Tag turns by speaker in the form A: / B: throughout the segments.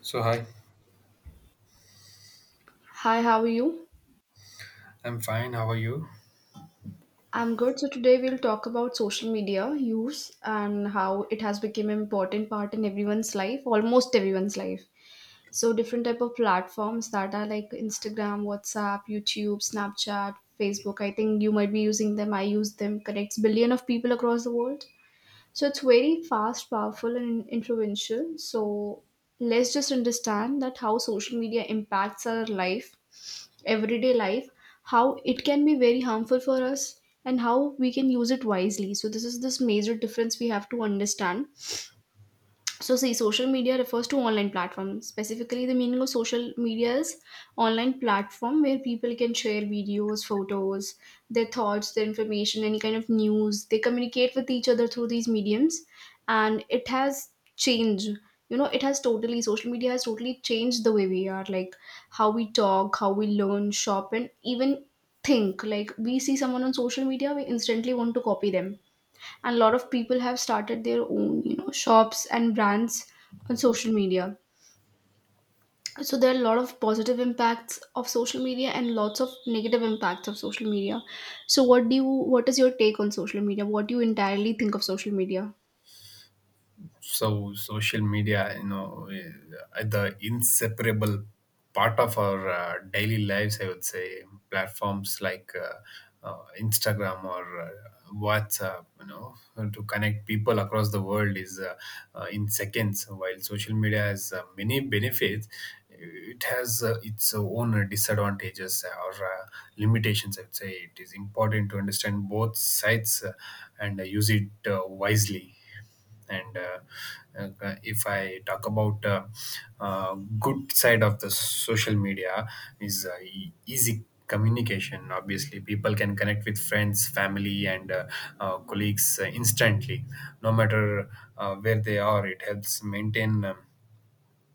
A: So hi,
B: Hi, how are you?
A: I'm fine. How are you?
B: I'm good. So today we'll talk about social media use and how it has become an important part in everyone's life, almost everyone's life. So different type of platforms that are like Instagram, WhatsApp, YouTube, Snapchat, Facebook. I think you might be using them. I use them. Connects billion of people across the world. So it's very fast, powerful, and influential. So let's just understand that how social media impacts our life, everyday life, how it can be very harmful for us, and how we can use it wisely. So this is this major difference we have to understand. So, see, social media refers to online platforms. Specifically, the meaning of social media is online platform where people can share videos, photos, their thoughts, their information, any kind of news. They communicate with each other through these mediums, and it has changed. You know, it has totally Social media has totally changed the way we are, like how we talk, how we learn, shop, and even think. Like we see someone on social media, we instantly want to copy them, and a lot of people have started their own, shops and brands on social media. So there are a lot of positive impacts of social media and lots of negative impacts of social media. So what is your take on social media? What do you entirely think of social media?
A: So social media, the inseparable part of our daily lives, I would say. Platforms like Instagram or WhatsApp, to connect people across the world is in seconds. While social media has many benefits, it has its own disadvantages or limitations, I would say. It is important to understand both sides and use it wisely. And uh, uh, if i talk about uh, good side of the social media is easy communication. Obviously, people can connect with friends, family, and colleagues instantly, no matter where they are. It helps maintain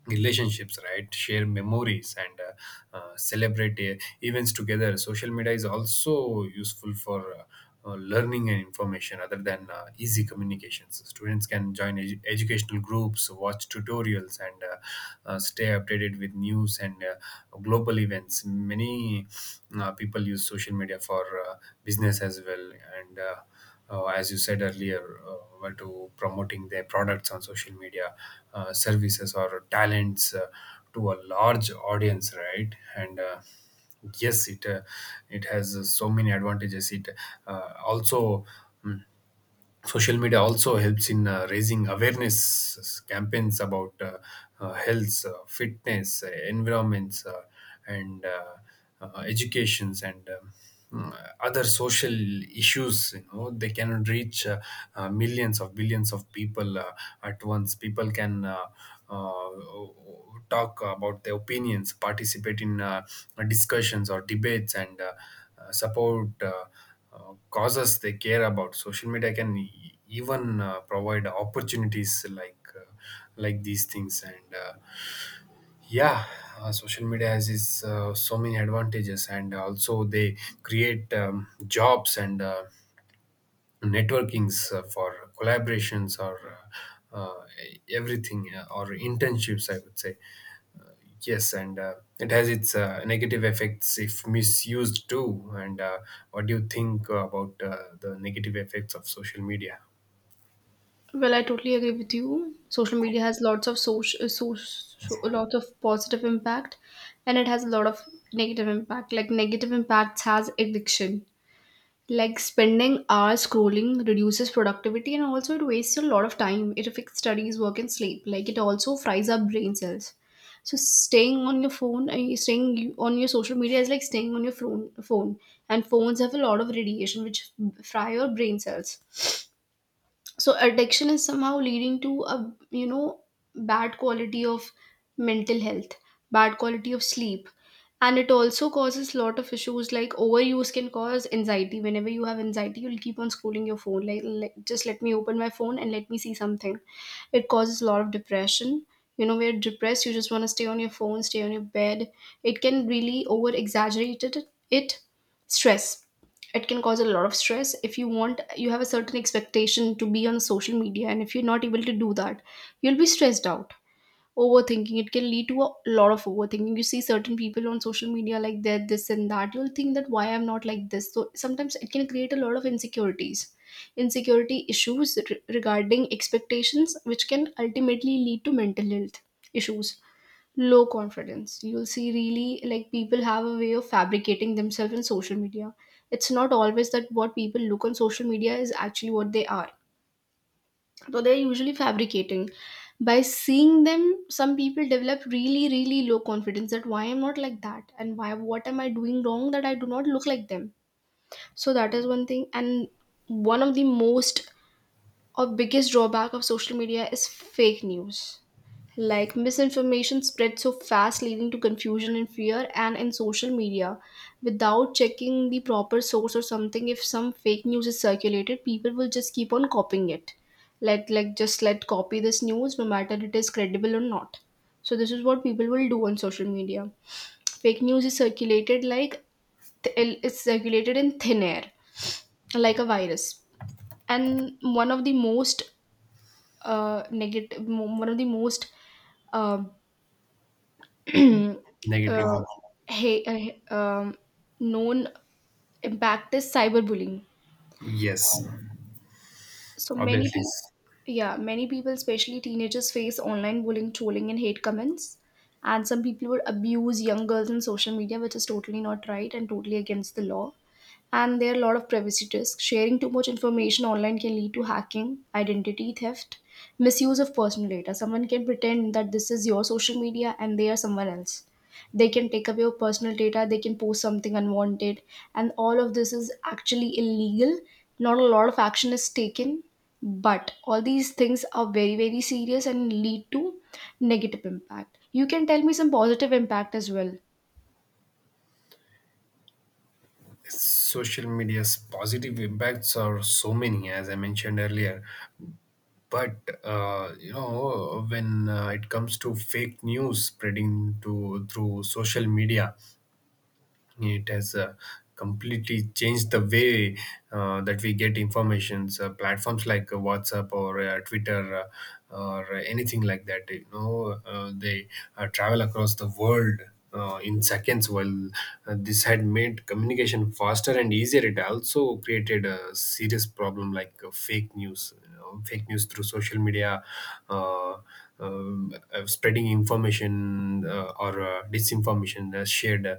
A: relationships, right, share memories, and celebrate events together. Social media is also useful for learning and information. Other than easy communications, students can join educational groups, watch tutorials, and stay updated with news and global events. Many people use social media for business as well. And As you said earlier, were to promoting their products on social media, services, or talents to a large audience, right? And yes, it it has so many advantages. It also. mm, Social media also helps in raising awareness campaigns about health, fitness, environments, and educations, and mm, other social issues, you know. They cannot reach millions of billions of people at once. People can uh, talk about their opinions, participate in discussions or debates, and support causes they care about. Social media can even provide opportunities like like these things, and yeah, social media has its so many advantages, and also they create jobs and. Networkings for collaborations or uh, uh, everything or internships, I would say. uh, yes, and it has its negative effects if misused too. And What do you think about the negative effects of social media?
B: Well, I totally agree with you. Social media has lots of lots of positive impact, and it has a lot of negative impact. Like negative impacts has addiction. Like spending hours scrolling reduces productivity and also it wastes a lot of time. It affects studies, work, and sleep. Like it also fries up brain cells. So staying on your phone, on your social media is like staying on your phone. Phone and phones have a lot of radiation which fry your brain cells. So addiction is somehow leading to a, bad quality of mental health, bad quality of sleep. And it also causes lot of issues like overuse can cause anxiety. Whenever you have anxiety, you'll keep on scrolling your phone, like, just let me open my phone and let me see something. It causes a lot of depression. You know, we're depressed, you just want to stay on your phone, stay on your bed. It can really over exaggerate it. It stress, it can cause a lot of stress. If you want, you have a certain expectation to be on social media and if you're not able to do that, you'll be stressed out. Overthinking, it can lead to a lot of overthinking. You see certain people on social media like that, this and that, you'll think that why I'm not like this. So sometimes it can create a lot of insecurities, insecurity issues regarding expectations, which can ultimately lead to mental health issues. Low confidence, you'll see, really like, people have a way of fabricating themselves in social media. It's not always that what people look on social media is actually what they are. So they're usually fabricating. By seeing them, some people develop really, really low confidence, that why I'm not like that and why, what am I doing wrong that I do not look like them. So that is one thing. And one of the most or biggest drawback of social media is fake news. Like misinformation spreads so fast, leading to confusion and fear. And in social media, without checking the proper source or something, if some fake news is circulated, people will just keep on copying it. Let, like just let copy this news, no matter it is credible or not. So this is what people will do on social media. Fake news is circulated like, it's circulated in thin air, like a virus. And one of the most negative, one of the most uh, uh,
A: Negative,
B: hey, uh, um, known impact is cyberbullying.
A: yes,
B: So many
A: obviously
B: people, yeah, many people, especially teenagers, face online bullying, trolling, and hate comments. And some people would abuse young girls on social media, which is totally not right and totally against the law. And there are a lot of privacy risks. Sharing too much information online can lead to hacking, identity theft, misuse of personal data. Someone can pretend that this is your social media and they are someone else. They can take away your personal data, they can post something unwanted, and all of this is actually illegal. Not a lot of action is taken, but all these things are very, very serious and lead to negative impact. You can tell me some positive impact as well.
A: social media's positive impacts are so many, as I mentioned earlier. But you know when it comes to fake news spreading to through social media, it has completely changed the way that we get informations. Uh, platforms like WhatsApp or Twitter or anything like that, they travel across the world in seconds. While this had made communication faster and easier, it also created a serious problem, like fake news, you know, fake news through social media, uh, spreading information or disinformation uh, shared, uh,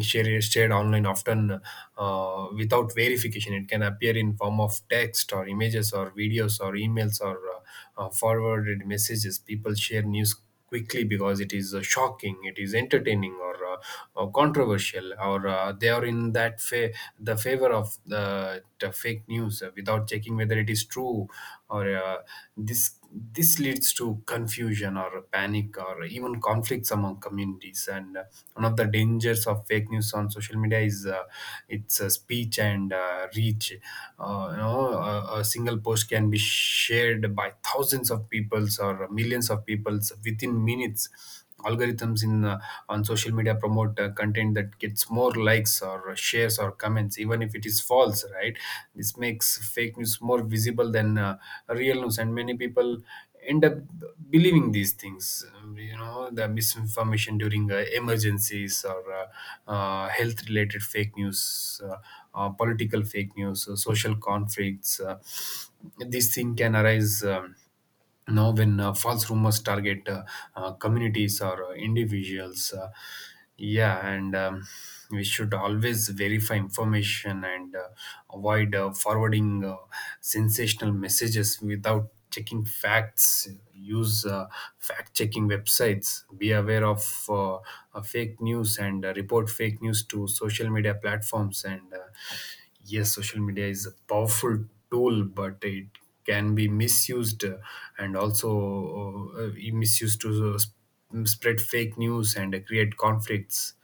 A: shared shared online, often without verification. It can appear in form of text or images or videos or emails or forwarded messages. People share news quickly because it is shocking, it is entertaining, or controversial, or they are in that the favor of the fake news without checking whether it is true or this leads to confusion or panic or even conflicts among communities. And One of the dangers of fake news on social media is its speech and reach. You know, a single post can be shared by thousands of peoples or millions of peoples within minutes. Algorithms in on social media promote content that gets more likes or shares or comments, even if it is false, right? This makes fake news more visible than real news, and many people end up believing these things. You know, the misinformation during emergencies, or health related fake news, political fake news, social conflicts, these things can arise now when false rumors target communities or individuals. Yeah, and we should always verify information and avoid forwarding sensational messages without checking facts. Use fact checking websites, be aware of fake news, and report fake news to social media platforms. And Yes, social media is a powerful tool, but it can be misused, and also misused to spread fake news and create conflicts.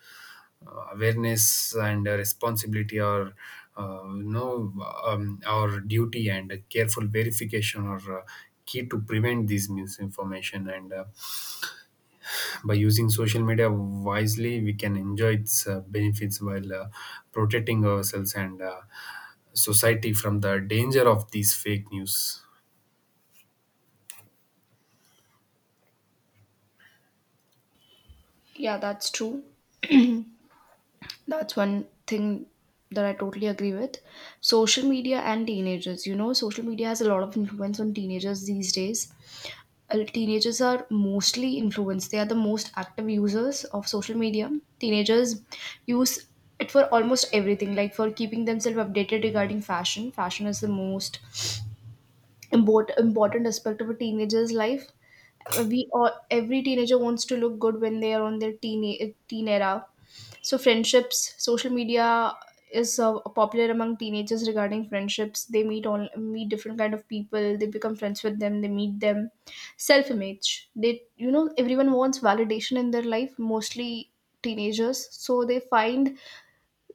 A: Awareness and responsibility, or you know our duty and a careful verification are key to prevent these misinformation. And By using social media wisely, we can enjoy its benefits while protecting ourselves and society from the danger of these fake news.
B: Yeah, that's true. That's one thing that I totally agree with. Social media and teenagers. You know, social media has a lot of influence on teenagers these days. Teenagers are mostly influenced. They are the most active users of social media. Teenagers use it for almost everything, like for keeping themselves updated regarding fashion. Fashion is the most important aspect of a teenager's life. We all, every teenager wants to look good when they are on their teen era. So friendships, social media is popular among teenagers regarding friendships. They meet, all meet different kind of people. They become friends with them. They meet them. Self image. They, you know, everyone wants validation in their life. Mostly teenagers. So they find,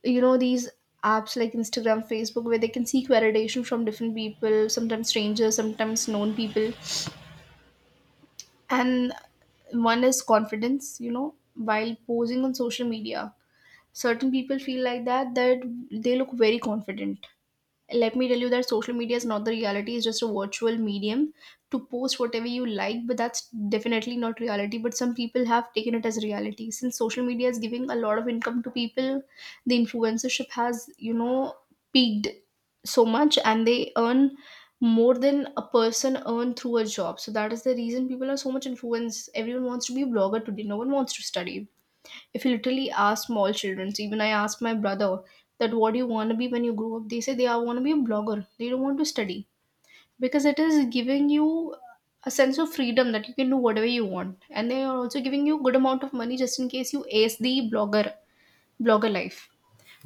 B: you know, these apps like Instagram, Facebook, where they can seek validation from different people, sometimes strangers, sometimes known people. And one is confidence, you know, while posing on social media, certain people feel like that they look very confident. Let me tell you that social media is not the reality, it's just a virtual medium to post whatever you like, but that's definitely not reality. But some people have taken it as reality, since social media is giving a lot of income to people. The influencership has, you know, peaked so much, and they earn more than a person earn through a job. So that is the reason people are so much influenced. Everyone wants to be a blogger today, no one wants to study. If you literally ask small children, so even I asked my brother that what do you want to be when you grow up, they say they are want to be a blogger. They don't want to study because it is giving you a sense of freedom that you can do whatever you want, and they are also giving you good amount of money just in case you ace the blogger life.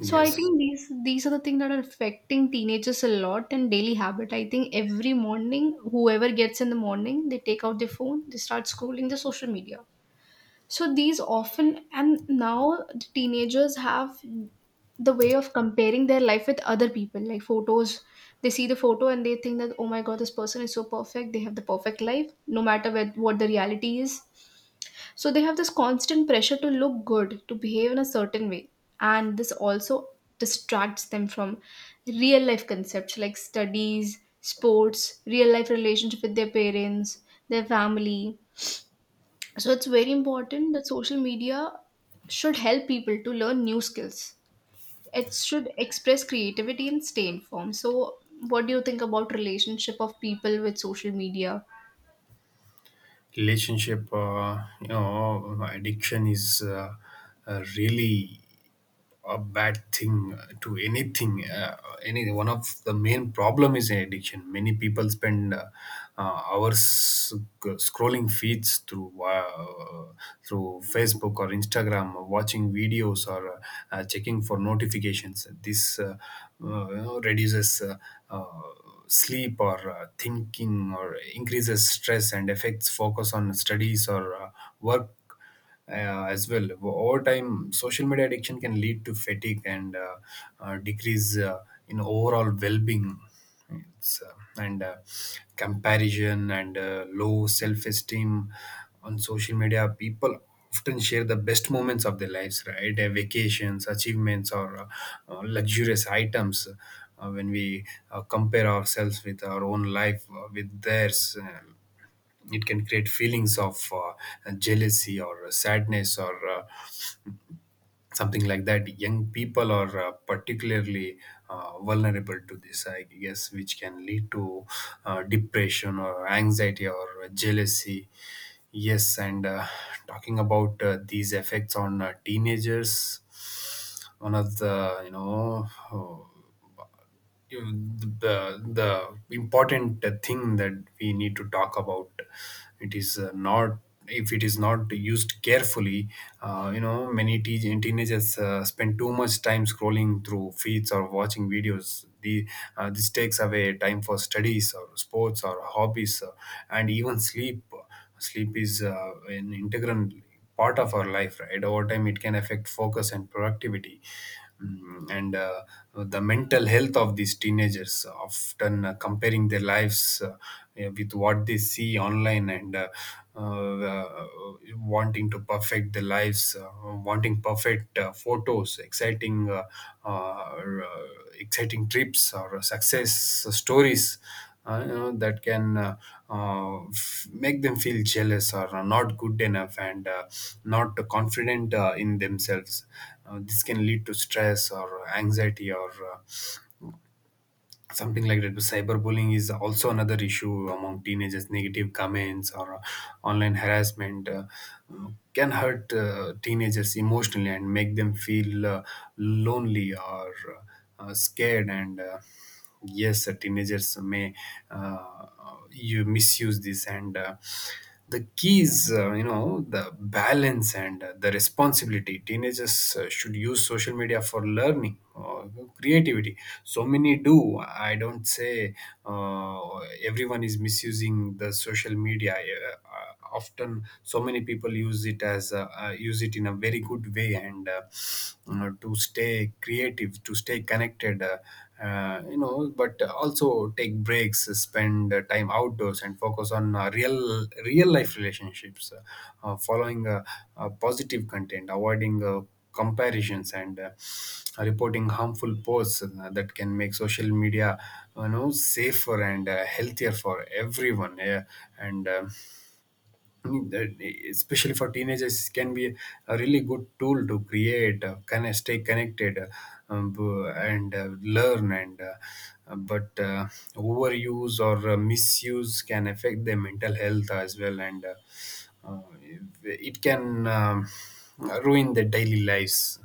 B: So I think these are the things that are affecting teenagers a lot. And daily habit, I think every morning, whoever gets in the morning, they take out their phone, they start scrolling the social media. So these often, and now the teenagers have the way of comparing their life with other people, like photos. They see the photo and they think that, oh my god, this person is so perfect. They have the perfect life, no matter where, what the reality is. So they have this constant pressure to look good, to behave in a certain way. And this also distracts them from real life concepts like studies, sports, real life relationship with their parents, their family. So it's very important that social media should help people to learn new skills, it should express creativity and stay informed. So what do you think about relationship of people with social media?
A: Relationship, you know, addiction is really a bad thing to anything. Any one of the main problem is addiction. Many people spend hours scrolling feeds through through Facebook or Instagram, or watching videos, or checking for notifications. This reduces uh, sleep or thinking, or increases stress, and affects focus on studies or work as well. Over time, social media addiction can lead to fatigue and decrease in overall well-being. It's, and Comparison and low self-esteem on social media. People often share the best moments of their lives, right? Their vacations, achievements, or luxurious items. When we compare ourselves with our own life with theirs, it can create feelings of jealousy or sadness or something like that. Young people are particularly vulnerable to this, I guess, which can lead to depression or anxiety or jealousy. Yes, and talking about these effects on teenagers, one of the, you know, the important thing that we need to talk about, it is not, if it is not used carefully, you know, many teenagers spend too much time scrolling through feeds or watching videos. The This takes away time for studies or sports or hobbies, and even sleep. Sleep is an integral part of our life, right? Over time, it can affect focus and productivity. And the mental health of these teenagers, often comparing their lives with what they see online, and uh, wanting to perfect their lives, wanting perfect photos, exciting uh, or, uh, exciting trips or success stories, that can make them feel jealous or not good enough, and not confident in themselves. This can lead to stress or anxiety or something like that. But cyberbullying is also another issue among teenagers. Negative comments or online harassment can hurt teenagers emotionally and make them feel lonely or scared. And yes, teenagers may uh, you misuse this and. The keys, you know, the balance and the responsibility. Teenagers should use social media for learning or creativity. So many do, I don't say uh, everyone is misusing the social media. Uh, uh, Often, so many people use it as a, use it in a very good way, to stay creative, to stay connected, you know, but also take breaks, spend time outdoors, and focus on real life relationships, following positive content, avoiding comparisons, and reporting harmful posts that can make social media, you know, safer and healthier for everyone. Yeah. And that, especially for teenagers, can be a really good tool to create kind of stay connected, b- and learn, and but overuse or misuse can affect their mental health as well, and uh, it can ruin their daily lives,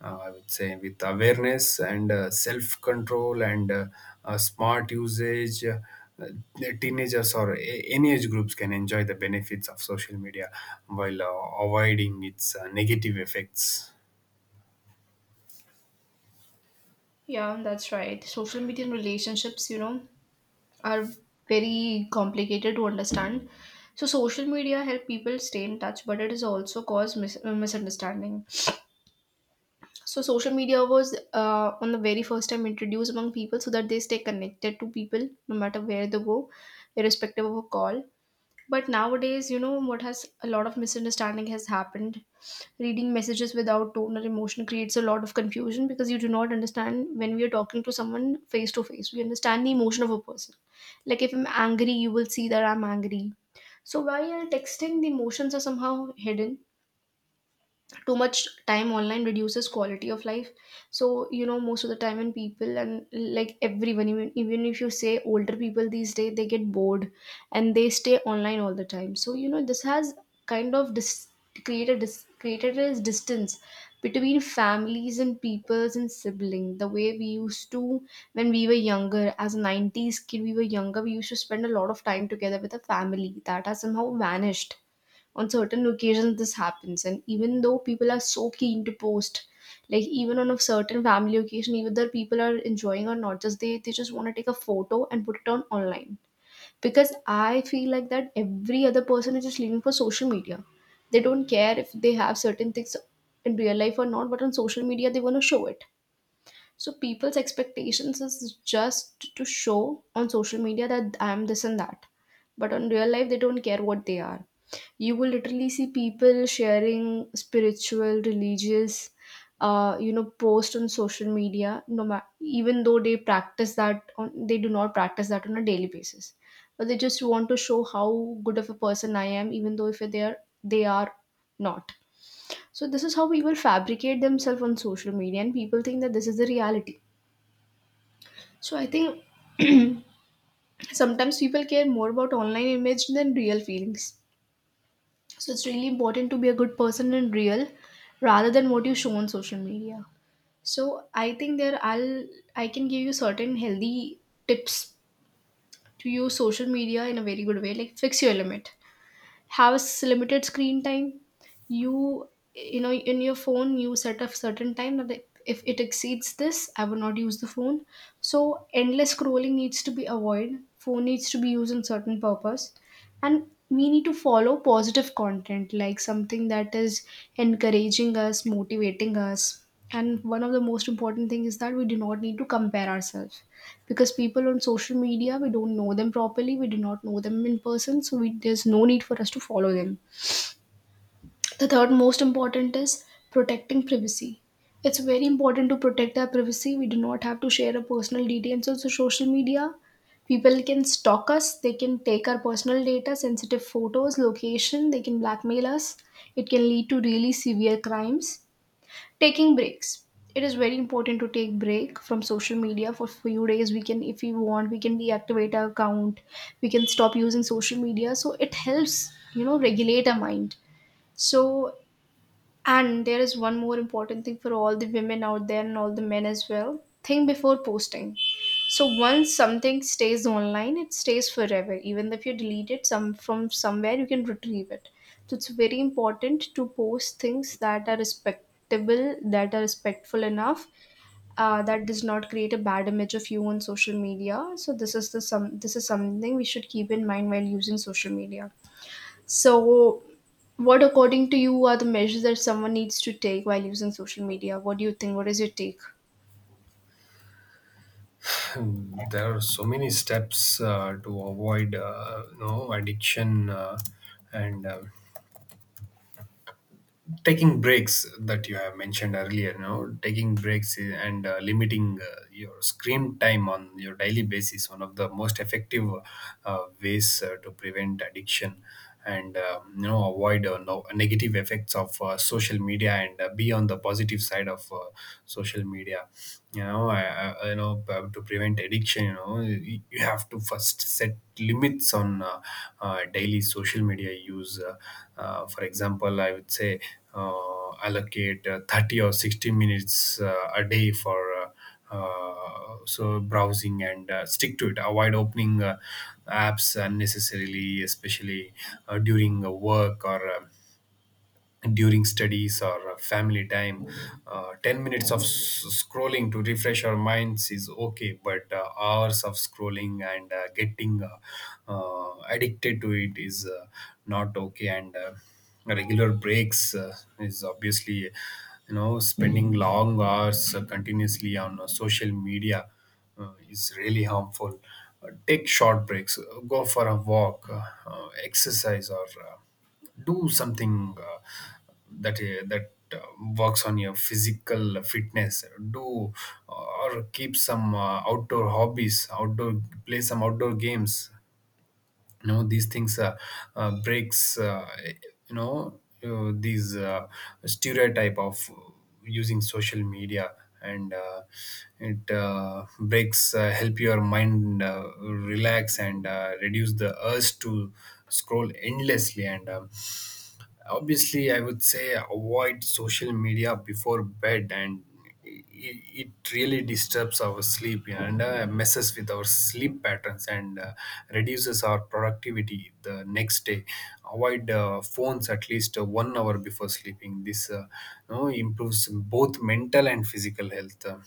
A: I would say. With awareness and self control and smart usage, the teenagers or any age groups can enjoy the benefits of social media while avoiding its negative effects.
B: Yeah, that's right. Social media and relationships, you know, are very complicated to understand. So social media help people stay in touch, but it has also caused misunderstanding. So social media was, on the very first time introduced among people so that they stay connected to people no matter where they go, irrespective of a call. But nowadays, you know what, has a lot of misunderstanding has happened. Reading messages without tone or emotion creates a lot of confusion, because you do not understand. When we are talking to someone face to face, we understand the emotion of a person. Like if I'm angry, you will see that I'm angry. So while texting, the emotions are somehow hidden. Too much time online reduces quality of life. So you know most of the time when people and like everyone, even if you say older people these days, they get bored and they stay online all the time. So you know this has kind of created a distance between families and peoples and sibling the way we used to. When we were younger, as a 90s kid, we were younger, we used to spend a lot of time together with a family that has somehow vanished. On certain occasions this happens, and even though people are so keen to post, like even on a certain family occasion, even though people are enjoying or not, just they just want to take a photo and put it on online. Because I feel like that every other person is just living for social media. They don't care if they have certain things in real life or not, but on social media they want to show it. So people's expectations is just to show on social media that I am this and that, but on real life they don't care what they are. You will literally see people sharing spiritual religious you know post on social media, no matter, even though they practice that on they do not practice that on a daily basis, but they just want to show how good of a person I am even though if they are not. So this is how people fabricate themselves on social media and people think that this is the reality. So I think sometimes people care more about online image than real feelings. So it's really important to be a good person in real rather than what you show on social media. So I think there I'll I can give you certain healthy tips to use social media in a very good way. Like fix your limit, has limited screen time, you you know in your phone you set a certain time that if it exceeds this I will not use the phone. So endless scrolling needs to be avoided, phone needs to be used in certain purpose. And we need to follow positive content, like something that is encouraging us, motivating us. And one of the most important thing is that we do not need to compare ourselves, because people on social media we don't know them properly, we do not know them in person, so we, there's no need for us to follow them. The third most important is protecting privacy. It's very important to protect our privacy. We do not have to share our personal details on social media. People can stalk us, they can take our personal data, sensitive photos, location, they can blackmail us. It can lead to really severe crimes. Taking breaks. It is very important to take break from social media for few days. We can, if we want, we can deactivate our account. We can stop using social media. So it helps, you know, regulate our mind. So, and there is one more important thing for all the women out there and all the men as well, think before posting. So once something stays online, it stays forever. Even if you delete it some from somewhere, you can retrieve it. So it's very important to post things that are respectable, that are respectful enough, that does not create a bad image of you on social media. So this is something we should keep in mind while using social media. So, what according to you are the measures that someone needs to take while using social media? What do you think? What is your take?
A: There are so many steps to avoid no addiction and taking breaks that you have mentioned earlier, you know, taking breaks I- and limiting your screen time on your daily basis. One of the most effective ways to prevent addiction and, you know, avoid no, negative effects of social media and be on the positive side of social media. You know, you know, to prevent addiction, you know, you have to first set limits on daily social media use. For example, I would say, allocate 30 or 60 minutes a day for browsing, and stick to it. Avoid opening apps unnecessarily, especially during work or during studies or family time. 10 minutes of scrolling to refresh our minds is okay, but hours of scrolling and getting addicted to it is, not okay. And regular breaks, is obviously, you know, spending long hours continuously on social media is really harmful. Take short breaks, go for a walk, exercise, or do something that works on your physical fitness. Do, or keep some outdoor hobbies, outdoor, play some outdoor games. You know, these things, breaks, these stereotype of using social media and it breaks help your mind relax and reduce the urge to scroll endlessly. And Obviously, I would say avoid social media before bed, and it really disturbs our sleep and messes with our sleep patterns and reduces our productivity the next day. Avoid phones at least 1 hour before sleeping. This, you know, improves both mental and physical health.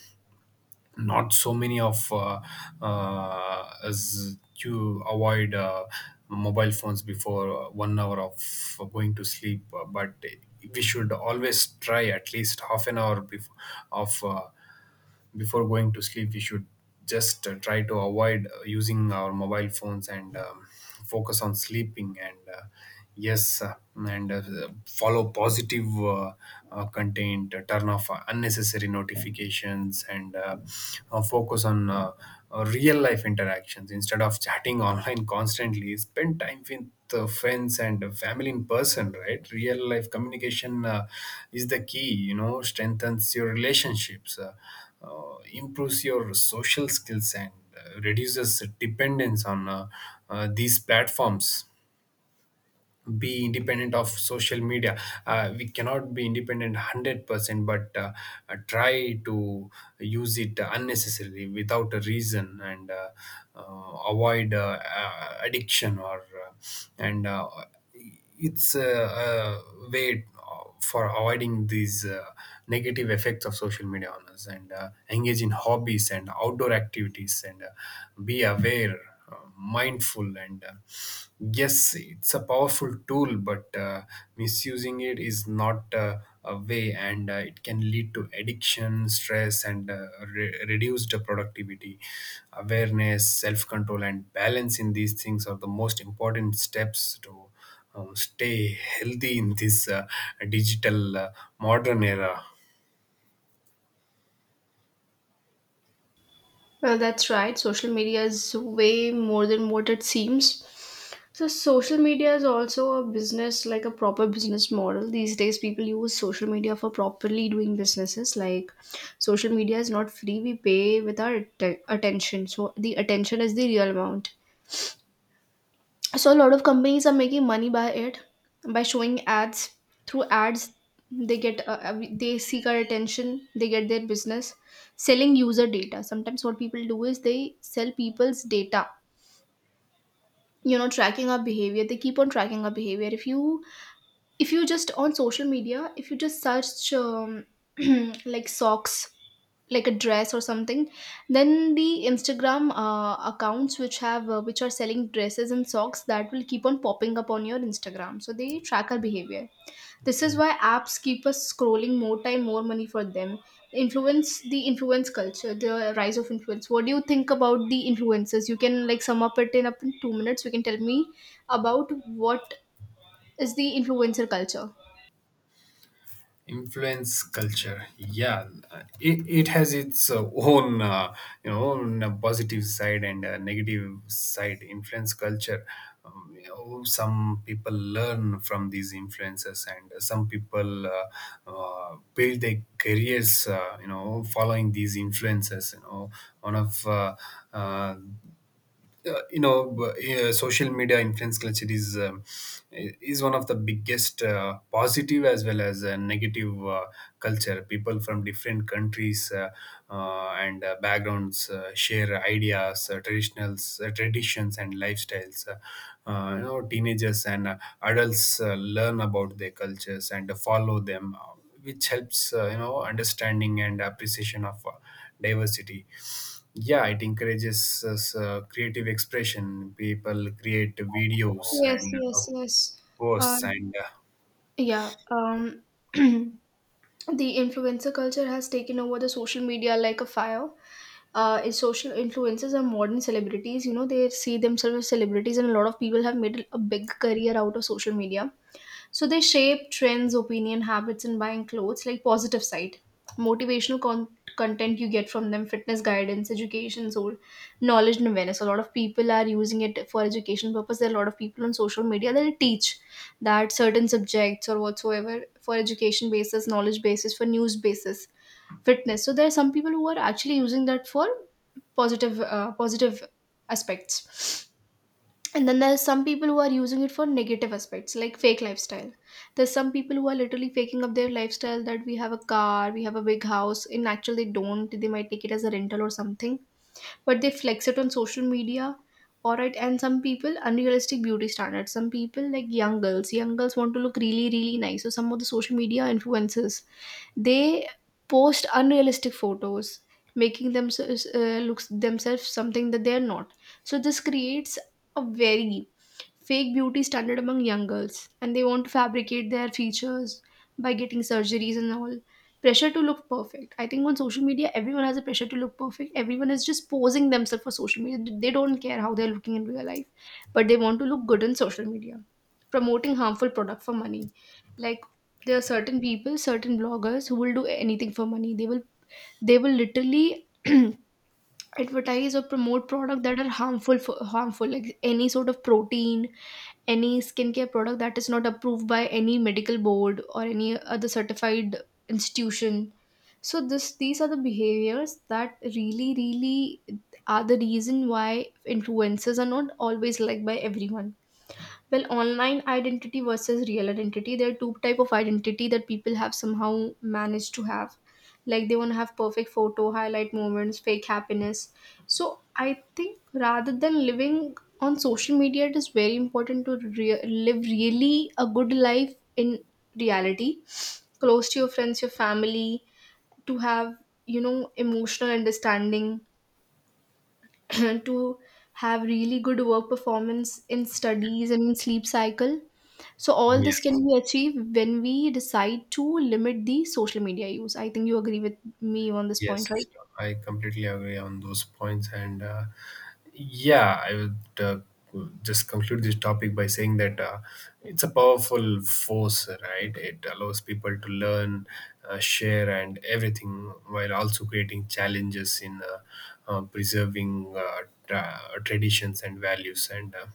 A: Not so many of as you avoid mobile phones before 1 hour of going to sleep, but we should always try at least half an hour before, of before going to sleep, we should just try to avoid using our mobile phones and focus on sleeping. And, yes, and follow positive content, turn off unnecessary notifications, and focus on real life interactions instead of chatting online constantly. Spend time with friends and family in person, right? Real life communication, is the key, you know. Strengthens your relationships, improves your social skills, and reduces dependence on these platforms. Be independent of social media. We cannot be independent 100%, but try to use it unnecessarily without a reason, and avoid addiction or uh, and it's a way for avoiding these negative effects of social media on us, and engage in hobbies and outdoor activities, and be aware, mindful, and yes, it's a powerful tool, but misusing it is not a way, and it can lead to addiction, stress, and reduced productivity. Awareness, self control, and balance in these things are the most important steps to stay healthy in this digital modern era.
B: Well, that's right. Social media is way more than what it seems. So, social media is also a business, like a proper business model. These days, people use social media for properly doing businesses. Like, social media is not free, we pay with our attention. So, the attention is the real amount. So a lot of companies are making money by it, by showing ads, through ads. They get they seek our attention, they get their business. Selling user data, sometimes what people do is they sell people's data, you know tracking our behavior, they keep on tracking our behavior. If you just on social media, if you just search like socks, like a dress or something, then the Instagram accounts which have which are selling dresses and socks, that will keep on popping up on your Instagram. So they track our behavior. This is why
A: Yes.
B: apps keep us scrolling, more time more money for them. Influence culture, the rise of influence, what do you think about the influencers? You can like sum up it in 2 minutes, you can tell me about what is the influencer culture.
A: Influence culture, yeah, it has its own, you know, own positive side and negative side. Influence culture, you know, some people learn from these influences, and some people build their careers, you know, following these influences. You know, one of uh, social media influence culture is, is one of the biggest positive as well as negative culture. People from different countries and backgrounds share ideas, traditionals traditions and lifestyles. You know, teenagers and adults learn about their cultures and follow them, which helps, you know, understanding and appreciation of diversity. Yeah, it encourages us, creative expression. People create videos
B: Yes,
A: and
B: yes, yes. Uh,
A: posts and
B: yeah. The influencer culture has taken over the social media like a fire. In social, influencers are modern celebrities. You know, they see themselves as celebrities, and a lot of people have made a big career out of social media. So they shape trends, opinion, habits in buying clothes, like positive side. Motivational con- content you get from them, fitness guidance, education, so knowledge and awareness. A lot of people are using it for education purpose. There are a lot of people on social media that teach that certain subjects or whatsoever for education basis, knowledge basis, for news basis, fitness. So there are some people who are actually using that for positive aspects, and then there's some people who are using it for negative aspects like fake lifestyle. There's some people who are literally faking up their lifestyle, that we have a car, we have a big house, in actual they don't, they might take it as a rental or something, but they flex it on social media. All right, and some people, unrealistic beauty standards, some people like young girls want to look really really nice, so some of the social media influencers, they post unrealistic photos, making themselves something that they're not. So this creates a very fake beauty standard among young girls, and they want to fabricate their features by getting surgeries and all. Pressure to look perfect, I think on social media everyone has a pressure to look perfect, everyone is just posing themselves for social media, they don't care how they're looking in real life, but they want to look good on social media. Promoting harmful product for money, like there are certain people, certain bloggers who will do anything for money. They will literally advertise or promote product that are harmful, for harmful like any sort of protein, any skincare product that is not approved by any medical board or any other certified institution. So this these are the behaviors that really really are the reason why influencers are not always liked by everyone. Well, online identity versus real identity, there are two type of identity that people have somehow managed to have. Like they want to have perfect photo, highlight moments, fake happiness. So I think rather than living on social media, it is very important to live really a good life in reality, close to your friends, your family, to have, you know, emotional understanding, to have really good work performance in studies and in sleep cycle. So all this can
A: yes.
B: be achieved when we decide to limit the social media use. I think you agree with me on this point,
A: Yes,
B: right?
A: I completely agree on those points, and yeah, I would just conclude this topic by saying that, it's a powerful force, right? It allows people to learn, share, and everything, while also creating challenges in preserving traditions and values. And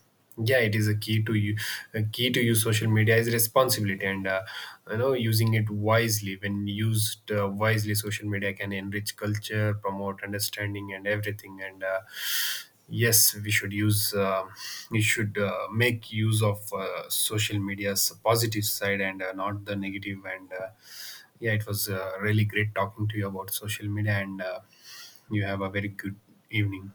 A: yeah, it is a key to you, a key to use social media is responsibility, and you know, using it wisely. When used wisely, social media can enrich culture, promote understanding, and everything. And yes, we should use, we should make use of social media's positive side and not the negative. And yeah, it was really great talking to you about social media, and you have a very good evening.